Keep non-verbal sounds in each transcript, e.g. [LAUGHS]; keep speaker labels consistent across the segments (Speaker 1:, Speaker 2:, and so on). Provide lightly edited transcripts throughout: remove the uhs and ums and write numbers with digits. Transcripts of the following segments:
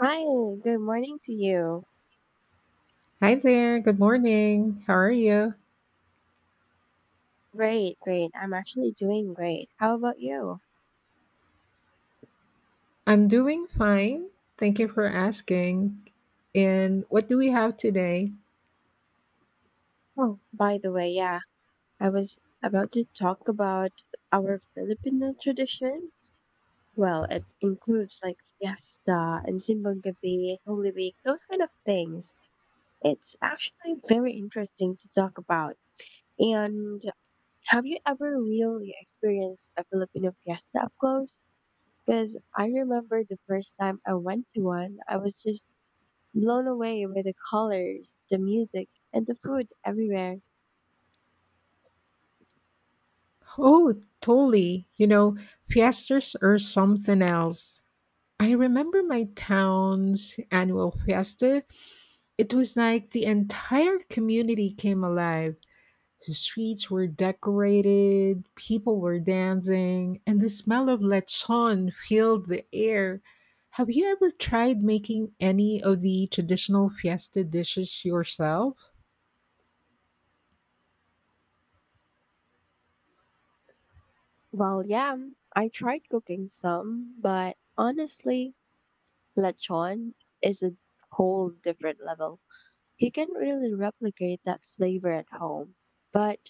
Speaker 1: Hi, good morning to you.
Speaker 2: Hi there. Good morning. How are you?
Speaker 1: Great, great. I'm actually doing great. How about you?
Speaker 2: I'm doing fine. Thank you for asking. And what do we have today?
Speaker 1: Oh, by the way, yeah, I was about to talk about our Filipino traditions. Well, it includes like fiesta and Simbang Gabi, Holy Week, those kind of things. It's actually very interesting to talk about. And have you ever really experienced a Filipino fiesta up close? Because I remember the first time I went to one, I was just blown away by the colors, the music, and the food everywhere.
Speaker 2: Oh, totally. Fiestas are something else. I remember my town's annual fiesta. It was like the entire community came alive. The streets were decorated, people were dancing, and the smell of lechon filled the air. Have you ever tried making any of the traditional fiesta dishes yourself?
Speaker 1: Well, yeah, I tried cooking some, but honestly, lechon is a whole different level. You can't really replicate that flavor at home. But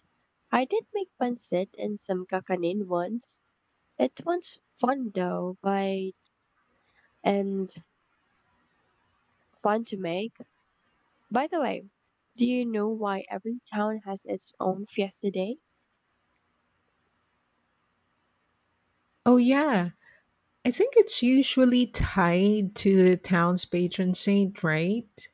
Speaker 1: I did make pancit and some kakanin once. It was fun though, by and fun to make. By the way, do you know why every town has its own fiesta day?
Speaker 2: Oh, yeah. I think it's usually tied to the town's patron saint, right?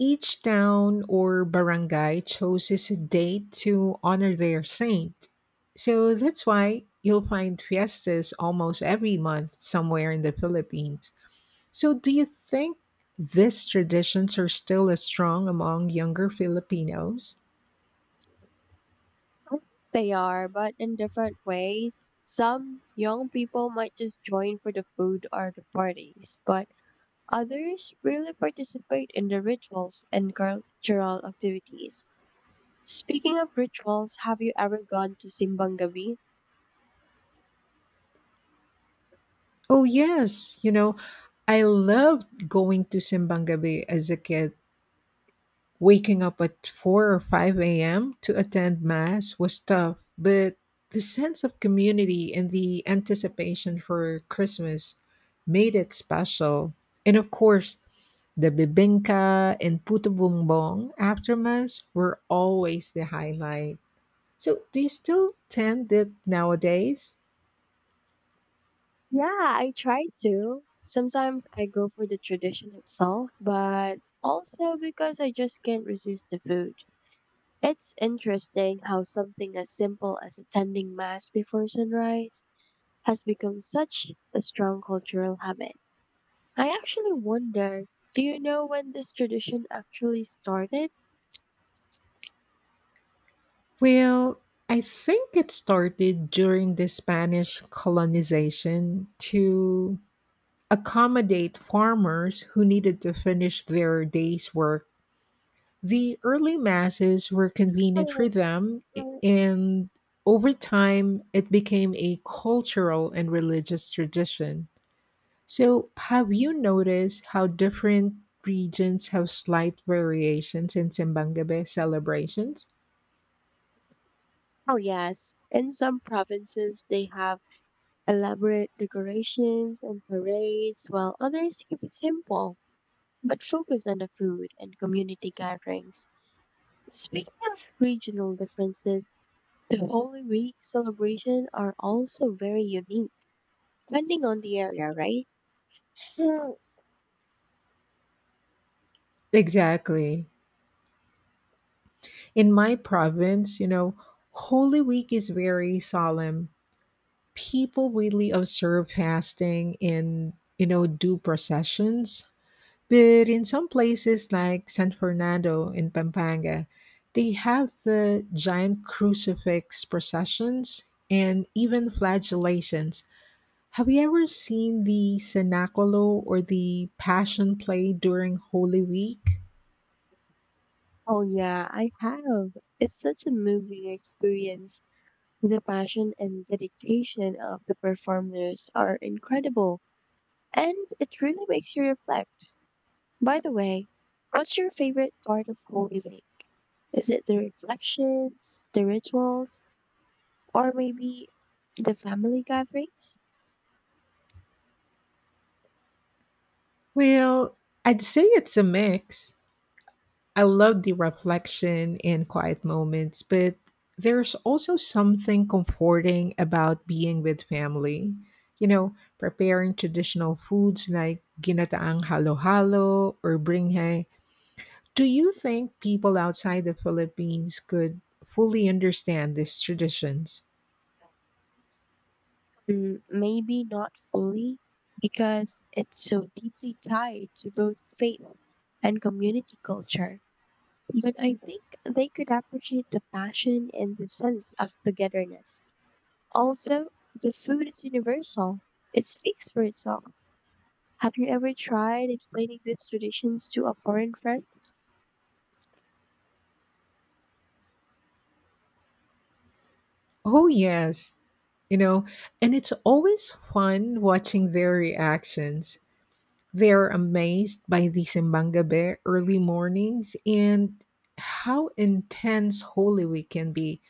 Speaker 2: Each town or barangay chooses a date to honor their saint. So that's why you'll find fiestas almost every month somewhere in the Philippines. So, do you think these traditions are still as strong among younger Filipinos?
Speaker 1: They are, but in different ways. Some young people might just join for the food or the parties, but others really participate in the rituals and cultural activities. Speaking of rituals, have you ever gone to Simbang Gabi?
Speaker 2: Oh, yes. I loved going to Simbang Gabi as a kid. Waking up at 4 or 5 a.m. to attend Mass was tough, but the sense of community and the anticipation for Christmas made it special. And of course, the bibingka and puto bumbong after Mass were always the highlight. So, do you still attend it nowadays?
Speaker 1: Yeah, I try to. Sometimes I go for the tradition itself, but also because I just can't resist the food. It's interesting how something as simple as attending mass before sunrise has become such a strong cultural habit. I actually wonder, do you know when this tradition actually started?
Speaker 2: Well, I think it started during the Spanish colonization to accommodate farmers who needed to finish their day's work. The early masses were convenient
Speaker 1: Oh,
Speaker 2: for them,
Speaker 1: oh
Speaker 2: and over time, it became a cultural and religious tradition. So, have you noticed how different regions have slight variations in Simbangabe celebrations?
Speaker 1: oh, yes. In some provinces, they have elaborate decorations and parades, while others keep it simple but focus on the food and community gatherings. Speaking of regional differences, the Holy Week celebration are also very unique, depending on the area, right? Yeah.
Speaker 2: Exactly. In my province, Holy Week is very solemn. People really observe fasting in do processions, but in some places like San Fernando in Pampanga, they have the giant crucifix processions and even flagellations. Have you ever seen the cenacolo or the passion play during Holy Week?
Speaker 1: Oh yeah, I have. It's such a moving experience. The passion and dedication of the performers are incredible, and it really makes you reflect. By the way, what's your favorite part of Holy Week? Is it the reflections, the rituals, or maybe the family gatherings?
Speaker 2: Well, I'd say it's a mix. I love the reflection and quiet moments, but there's also something comforting about being with family. Preparing traditional foods like ginataang halo-halo or bringhe. Do you think people outside the Philippines could fully understand these traditions?
Speaker 1: Maybe not fully, because it's so deeply tied to both faith and community culture, but I think they could appreciate the passion and the sense of togetherness. Also, the food is universal. It speaks for itself. Have you ever tried explaining these traditions to a foreign friend?
Speaker 2: Oh, yes. You know, and it's always fun watching their reactions. They're amazed by the Sembangabé early mornings and how intense Holy Week can be.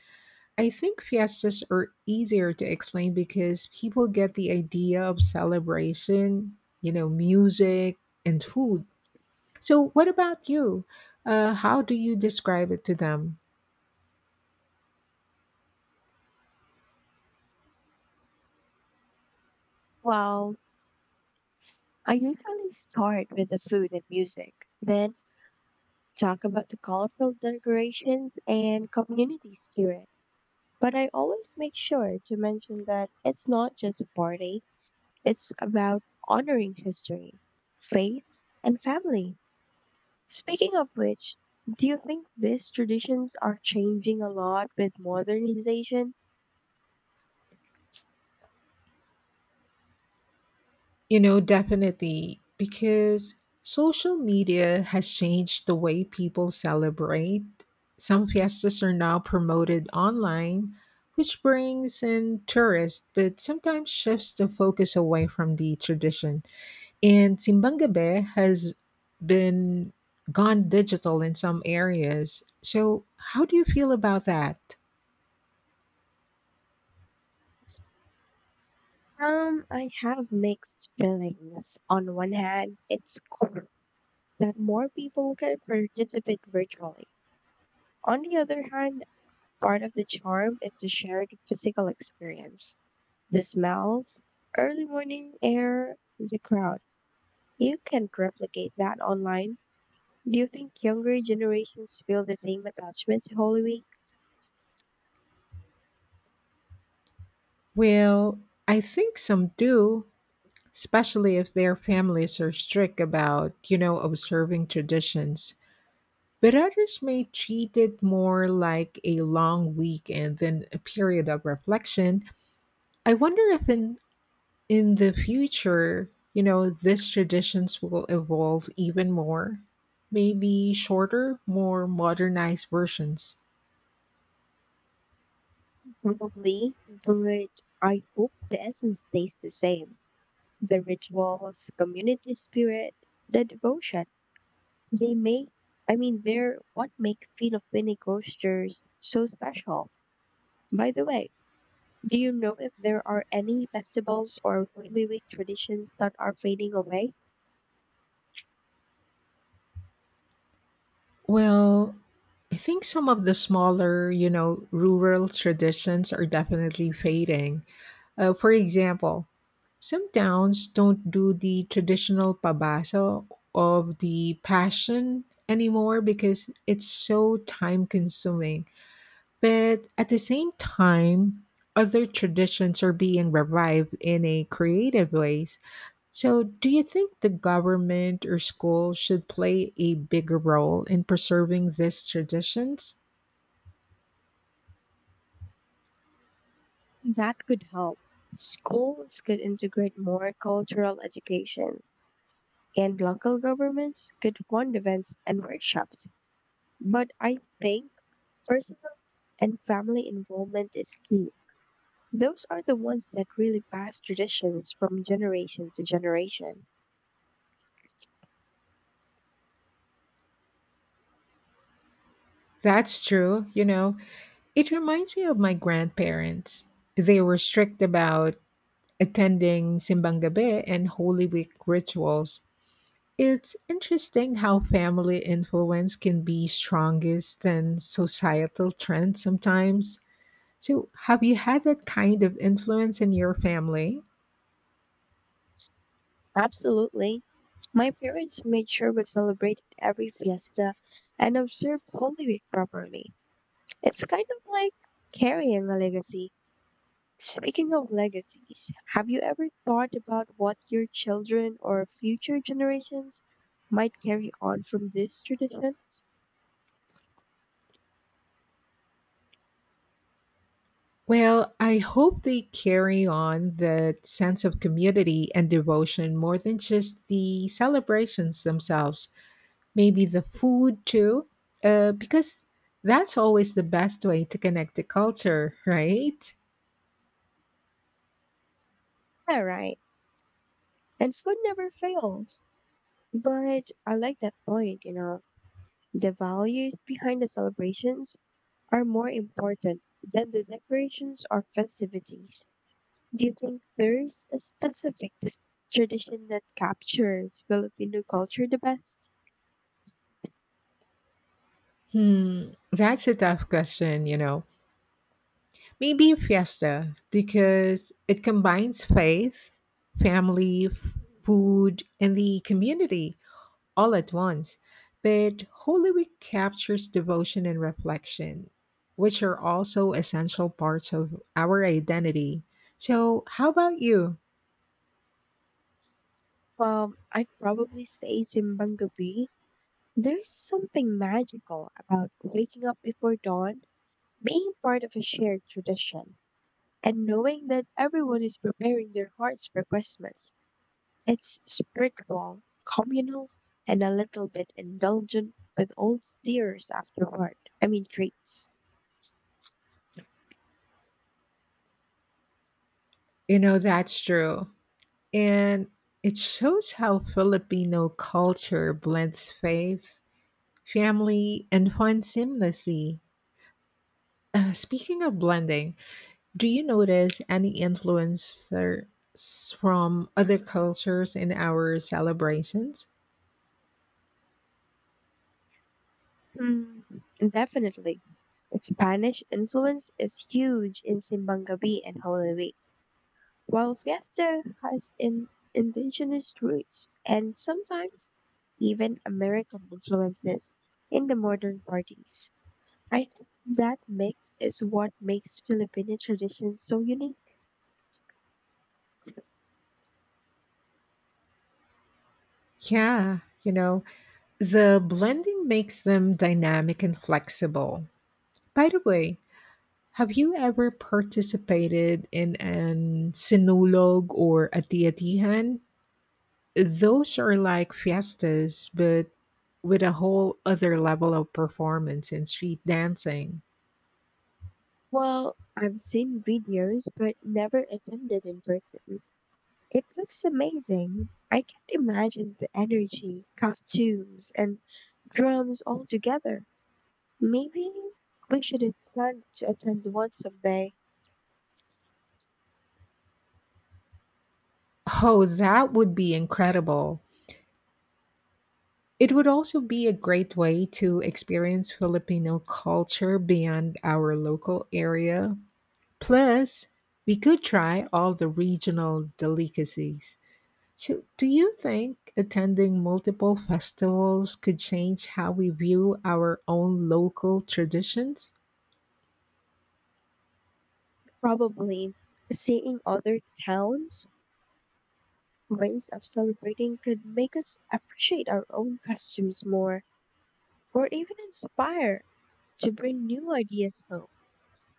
Speaker 2: I think fiestas are easier to explain because people get the idea of celebration, music and food. So, what about you? How do you describe it to them?
Speaker 1: Well, I usually start with the food and music, then talk about the colorful decorations and community spirit. But I always make sure to mention that it's not just a party, it's about honoring history, faith, and family. Speaking of which, do you think these traditions are changing a lot with modernization?
Speaker 2: Definitely, because social media has changed the way people celebrate. Some fiestas are now promoted online, which brings in tourists, but sometimes shifts the focus away from the tradition. And Simbang Gabi has been gone digital in some areas. So, how do you feel about that?
Speaker 1: I have mixed feelings. On one hand, it's cool that more people can participate virtually. On the other hand, part of the charm is the shared physical experience. The smells, early morning air, the crowd. You can't replicate that online. Do you think younger generations feel the same attachment to Holy Week?
Speaker 2: Well, I think some do, especially if their families are strict about, observing traditions. But others may treat it more like a long weekend than a period of reflection. I wonder if in the future, these traditions will evolve even more, maybe shorter, more modernized versions.
Speaker 1: Probably, but I hope the essence stays the same. The rituals, community spirit, the devotion. They make, I mean, they're what make Filipino cultures so special. By the way, do you know if there are any festivals or Holy Week traditions that are fading away?
Speaker 2: Well, I think some of the smaller, rural traditions are definitely fading. For example, some towns don't do the traditional pabasa of the passion anymore because it's so time consuming. But at the same time, other traditions are being revived in a creative ways. So, do you think the government or school should play a bigger role in preserving these traditions?
Speaker 1: That could help. Schools could integrate more cultural education, and local governments could fund events and workshops. But I think personal and family involvement is key. Those are the ones that really pass traditions from generation to generation.
Speaker 2: That's true. It reminds me of my grandparents. They were strict about attending Simbang Gabi and Holy Week rituals. It's interesting how family influence can be strongest than societal trends sometimes. So, have you had that kind of influence in your family?
Speaker 1: Absolutely. My parents made sure we celebrated every fiesta and observed Holy Week properly. It's kind of like carrying a legacy. Speaking of legacies, have you ever thought about what your children or future generations might carry on from this tradition?
Speaker 2: Well, I hope they carry on that sense of community and devotion more than just the celebrations themselves. Maybe the food too, because that's always the best way to connect to culture, right?
Speaker 1: Yeah, right. And food never fails. But I like that point, you know. The values behind the celebrations are more important than the decorations or festivities. Do you think there's a specific tradition that captures Filipino culture the best?
Speaker 2: That's a tough question. Maybe Fiesta, because it combines faith, family, food, and the community all at once. But Holy Week captures devotion and reflection, which are also essential parts of our identity. So, how about you?
Speaker 1: Well, I'd probably say Simbang Gabi. There's something magical about waking up before dawn, being part of a shared tradition, and knowing that everyone is preparing their hearts for Christmas. It's spiritual, communal, and a little bit indulgent with old steers afterward. I mean, treats.
Speaker 2: That's true. And it shows how Filipino culture blends faith, family, and fun seamlessly. Speaking of blending, do you notice any influencers from other cultures in our celebrations?
Speaker 1: Hmm, Definitely. Spanish influence is huge in Simbangabi and Holy Week, while Fiesta has in indigenous roots and sometimes even American influences in the modern parties. I think that mix is what makes Filipino traditions so unique.
Speaker 2: Yeah, the blending makes them dynamic and flexible. By the way, have you ever participated in an sinulog or a tiatihan? Those are like fiestas, but with a whole other level of performance and street dancing.
Speaker 1: Well, I've seen videos but never attended in person. It looks amazing. I can't imagine the energy, costumes, and drums all together. Maybe we should plan to attend one someday.
Speaker 2: Oh, that would be incredible. It would also be a great way to experience Filipino culture beyond our local area. Plus, we could try all the regional delicacies. So, do you think attending multiple festivals could change how we view our own local traditions?
Speaker 1: Probably seeing other towns' ways of celebrating could make us appreciate our own costumes more, or even inspire to bring new ideas home.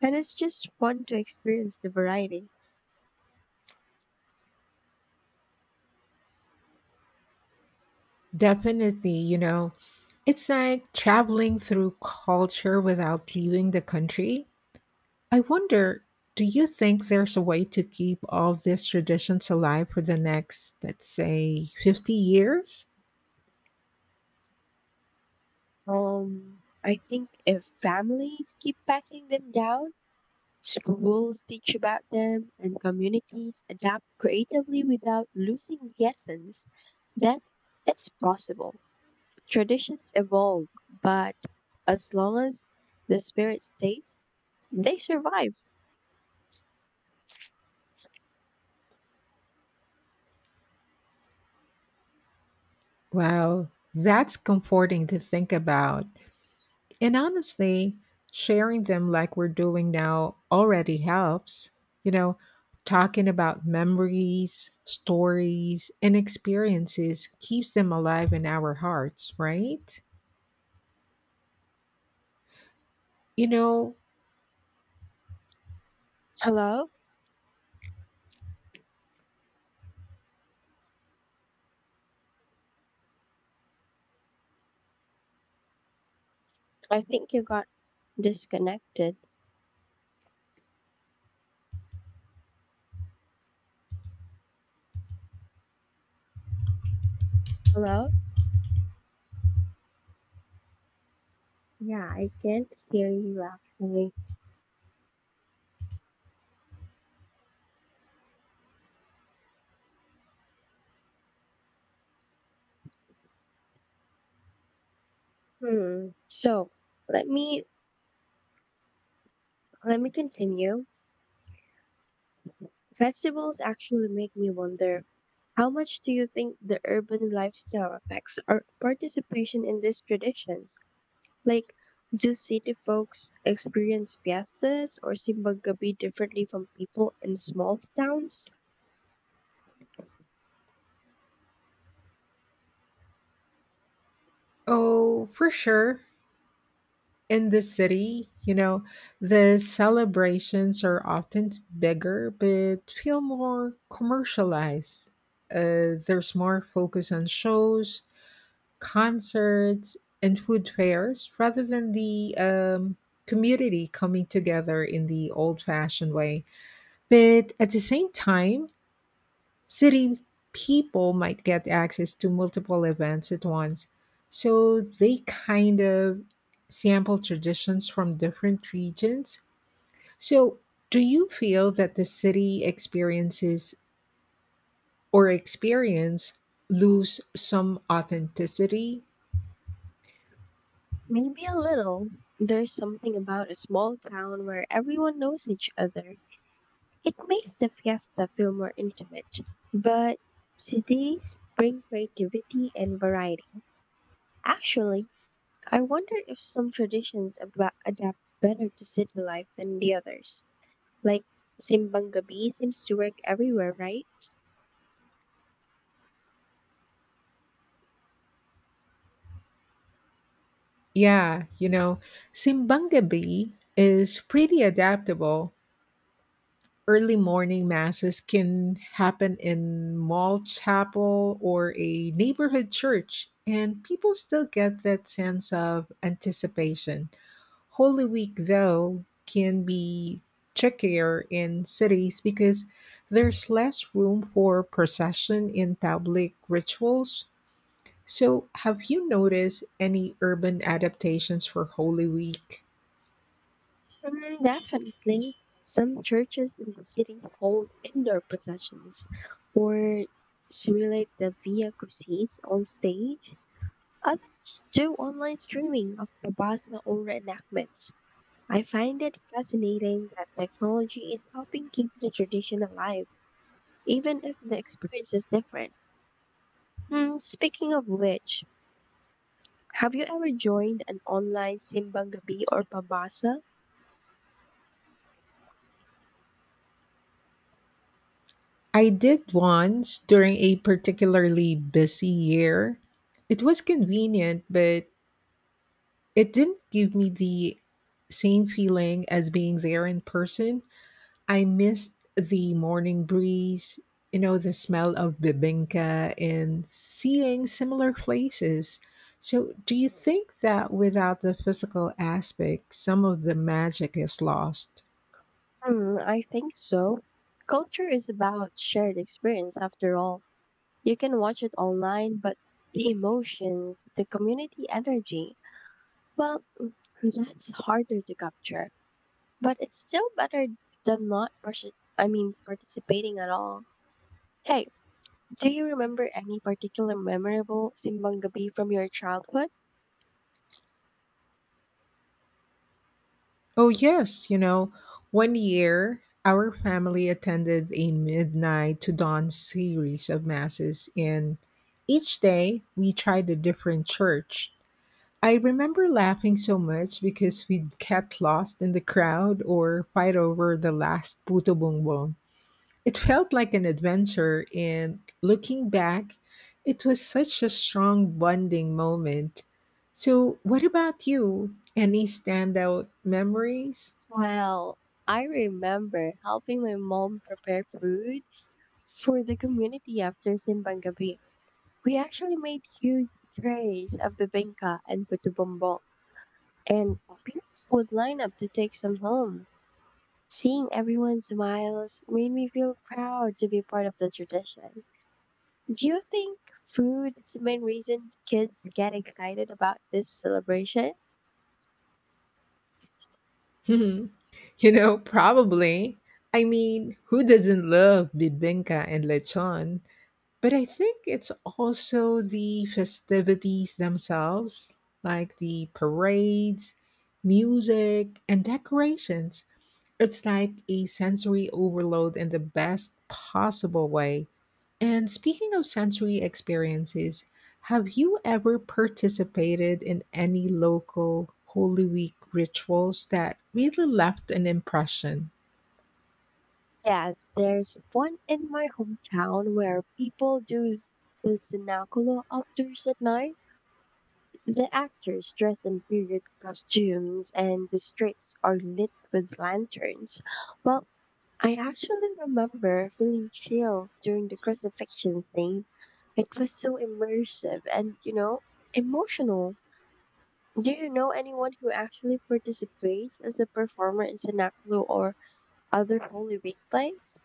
Speaker 1: And it's just fun to experience the variety.
Speaker 2: Definitely, it's like traveling through culture without leaving the country. I wonder, do you think there's a way to keep all these traditions alive for the next, let's say, 50 years?
Speaker 1: I think if families keep passing them down, schools teach about them, and communities adapt creatively without losing the essence, then it's possible. Traditions evolve, but as long as the spirit stays, they survive.
Speaker 2: Wow, that's comforting to think about. And honestly, sharing them like we're doing now already helps. You know, talking about memories, stories, and experiences keeps them alive in our hearts, right? You know,
Speaker 1: Hello? I think you got disconnected. Hello? Yeah, I can't hear you actually. Hmm. So let me let me continue. Festivals actually make me wonder how much do you think the urban lifestyle affects our participation in these traditions? Like, do city folks experience fiestas or Simbang Gabi differently from people in small towns?
Speaker 2: oh, for sure. In the city, the celebrations are often bigger, but feel more commercialized. There's more focus on shows, concerts, and food fairs rather than the community coming together in the old fashioned way. But at the same time, city people might get access to multiple events at once. So they kind of sample traditions from different regions. So, do you feel that the city experiences or experience lose some authenticity?
Speaker 1: Maybe a little. There's something about a small town where everyone knows each other. It makes the fiesta feel more intimate. But cities bring creativity and variety. Actually, I wonder if some traditions adapt better to city life than the others. Like Simbang Gabi seems to work everywhere, right?
Speaker 2: Yeah, Simbang Gabi is pretty adaptable. Early morning masses can happen in mall chapel or a neighborhood church, and people still get that sense of anticipation. Holy Week, though, can be trickier in cities because there's less room for procession in public rituals. So, have you noticed any urban adaptations for Holy Week?
Speaker 1: Definitely. Some churches in the city hold indoor processions or simulate the Via Crucis on stage. Others do online streaming of Babasa or reenactments. I find it fascinating that technology is helping keep the tradition alive, even if the experience is different. Speaking of which, have you ever joined an online Simbang Gabi or Pabasa?
Speaker 2: I did once during a particularly busy year. It was convenient, but it didn't give me the same feeling as being there in person. I missed the morning breeze, the smell of bibinka and seeing similar places. So, do you think that without the physical aspect, some of the magic is lost?
Speaker 1: I think so. Culture is about shared experience after all. You can watch it online, but the emotions, the community energy, well, that's harder to capture. But it's still better than not I mean participating at all. Hey, do you remember any particular memorable Simbang Gabi from your childhood?
Speaker 2: Oh, yes. One year our family attended a midnight to dawn series of masses, and each day we tried a different church. I remember laughing so much because we'd get lost in the crowd or fight over the last puto bongbong. It felt like an adventure, and looking back, it was such a strong bonding moment. So, what about you? Any standout memories?
Speaker 1: Well, I remember helping my mom prepare food for the community after Simbang Gabi. We actually made huge trays of bibingka and puto bumbong, and parents would line up to take some home. Seeing everyone's smiles made me feel proud to be part of the tradition. Do you think food is the main reason kids get excited about this celebration?
Speaker 2: [LAUGHS] Probably. I mean, who doesn't love bibinka and lechon? But I think it's also the festivities themselves, like the parades, music, and decorations. It's like a sensory overload in the best possible way. And speaking of sensory experiences, have you ever participated in any local Holy Week rituals that really left an impression?
Speaker 1: Yes, there's one in my hometown where people do the cenaculo outdoors at night. The actors dress in period costumes and the streets are lit with lanterns. Well, I actually remember feeling chills during the crucifixion scene. It was so immersive and, you know, emotional. Do you know anyone who actually participates as a performer in cenaculo or other holy week plays?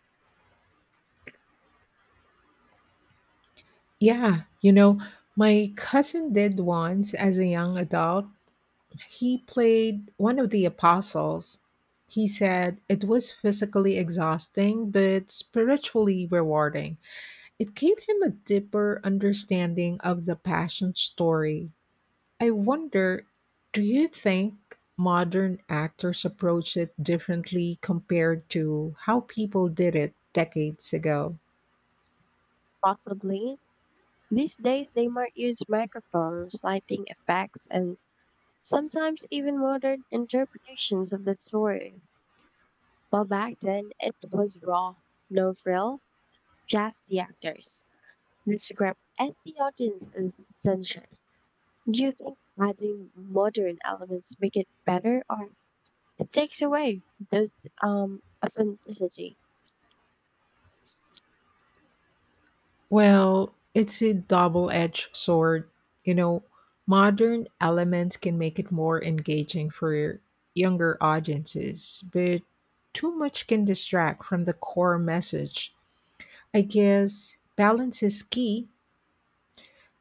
Speaker 2: Yeah, my cousin did once as a young adult. He played one of the apostles. He said it was physically exhausting but spiritually rewarding. It gave him a deeper understanding of the passion story. I wonder, do you think modern actors approach it differently compared to how people did it decades ago?
Speaker 1: Possibly. These days, they might use microphones, lighting effects, and sometimes even modern interpretations of the story. While back then, it was raw, no frills, just the actors, the script, and the audience is essential. Do you think adding modern elements make it better, or it takes away those authenticity?
Speaker 2: Well, it's a double edged sword. You know, modern elements can make it more engaging for younger audiences, but too much can distract from the core message. I guess balance is key.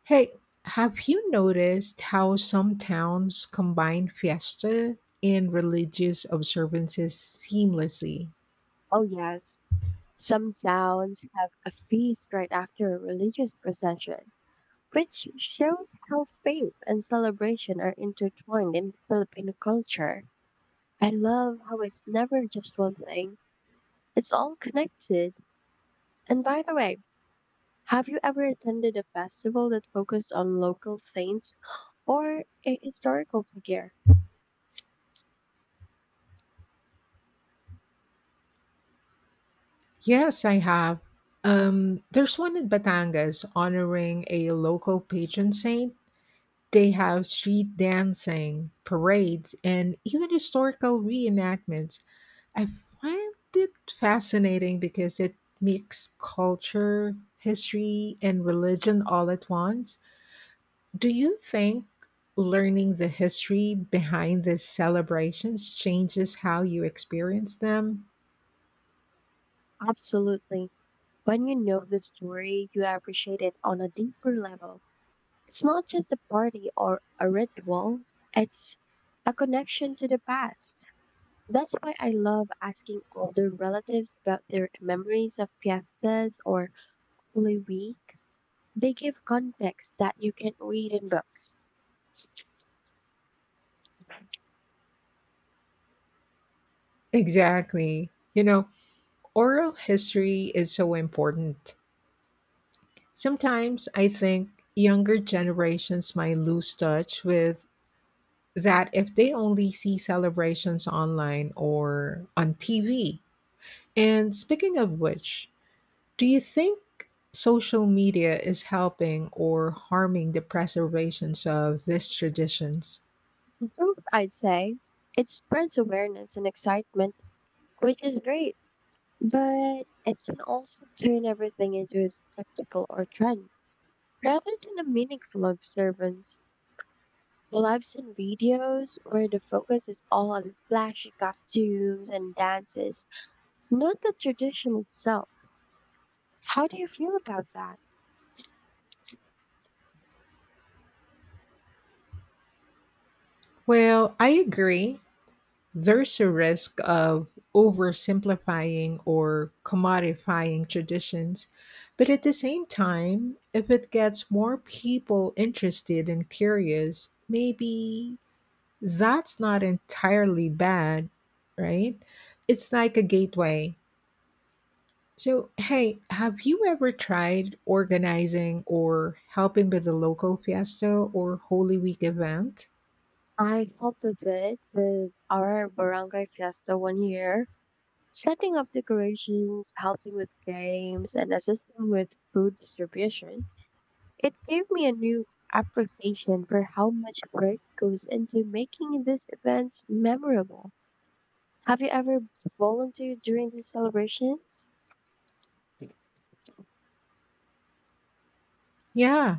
Speaker 2: Hey, have you noticed how some towns combine fiesta and religious observances seamlessly?
Speaker 1: Oh yes, some towns have a feast right after a religious procession which shows how faith and celebration are intertwined in Filipino culture. I love how it's never just one thing, it's all connected. And by the way, have you ever attended a festival that focused on local saints or a historical figure?
Speaker 2: Yes, I have. There's one in Batangas honoring a local patron saint. They have street dancing, parades, and even historical reenactments. I find it fascinating because it mixes culture, history, and religion all at once. Do you think learning the history behind these celebrations changes how you experience them?
Speaker 1: Absolutely. When you know the story, you appreciate it on a deeper level. It's not just a party or a ritual, it's a connection to the past. That's why I love asking older relatives about their memories of fiestas or Holy Week. They give context that you can't read in books.
Speaker 2: Exactly. Oral history is so important. Sometimes I think younger generations might lose touch with that if they only see celebrations online or on TV. And speaking of which, do you think social media is helping or harming the preservations of these traditions?
Speaker 1: Truth, I'd say, it spreads awareness and excitement, which is great, but it can also turn everything into a spectacle or trend rather than a meaningful observance. Well, I've seen videos where the focus is all on flashy costumes and dances, not the tradition itself. How do you feel about that?
Speaker 2: Well, I agree. There's a risk of oversimplifying or commodifying traditions. But at the same time, if it gets more people interested and curious, maybe that's not entirely bad, right? It's like a gateway. So, hey, have you ever tried organizing or helping with a local fiesta or Holy Week event?
Speaker 1: I helped a bit with our barangay fiesta one year, setting up decorations, helping with games, and assisting with food distribution. It gave me a new appreciation for how much work goes into making these events memorable. Have you ever volunteered during these celebrations?
Speaker 2: Yeah,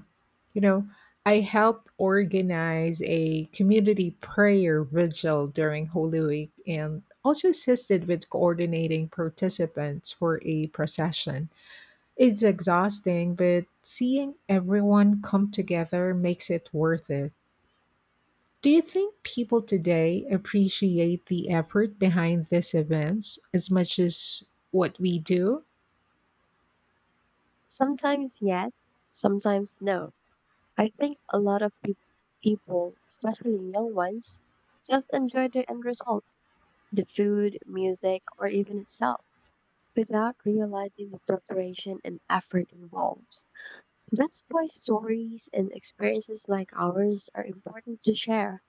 Speaker 2: you know, I helped organize a community prayer vigil during Holy Week and also assisted with coordinating participants for a procession. It's exhausting, but seeing everyone come together makes it worth it. Do you think people today appreciate the effort behind these events as much as what we do?
Speaker 1: Sometimes yes, sometimes no. I think a lot of people, especially young ones, just enjoy the end result, the food, music, or even itself, without realizing the preparation and effort involved. That's why stories and experiences like ours are important to share.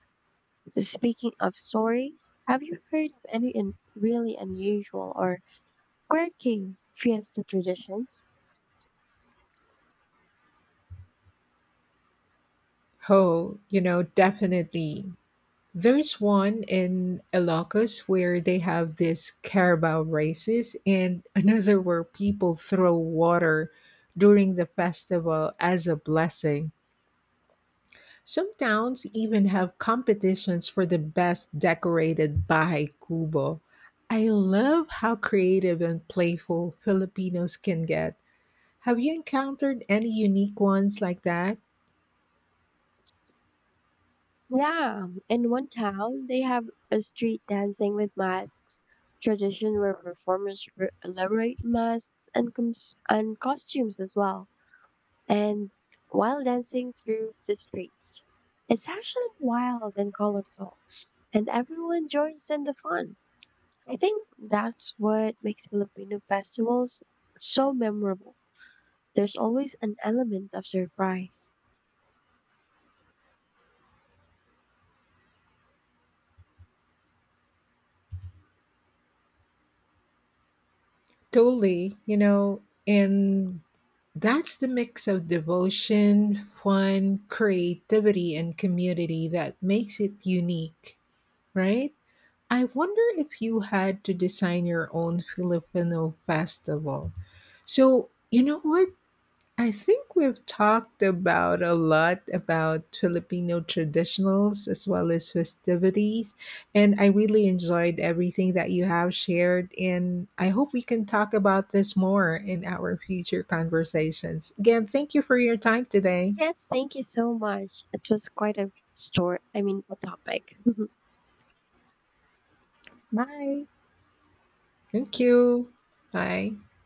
Speaker 1: Speaking of stories, have you heard of any really unusual or quirky fiesta traditions?
Speaker 2: Oh, definitely. There's one in Ilocos where they have these carabao races, and another where people throw water during the festival as a blessing. Some towns even have competitions for the best decorated bahay kubo. I love how creative and playful Filipinos can get. Have you encountered any unique ones like that?
Speaker 1: Yeah, in one town, they have a street dancing with masks tradition where performers elaborate masks and costumes as well, and while dancing through the streets. It's actually wild and colorful, and everyone joins in the fun. I think that's what makes Filipino festivals so memorable. There's always an element of surprise.
Speaker 2: Totally, and that's the mix of devotion, fun, creativity, and community that makes it unique, right? I wonder if you had to design your own Filipino festival. So, you know what? I think we've talked about a lot about Filipino traditionals as well as festivities. And I really enjoyed everything that you have shared. And I hope we can talk about this more in our future conversations. Again, thank you for your time today.
Speaker 1: Yes, thank you so much. It was quite a story, I mean, a topic. [LAUGHS] Bye.
Speaker 2: Thank you. Bye.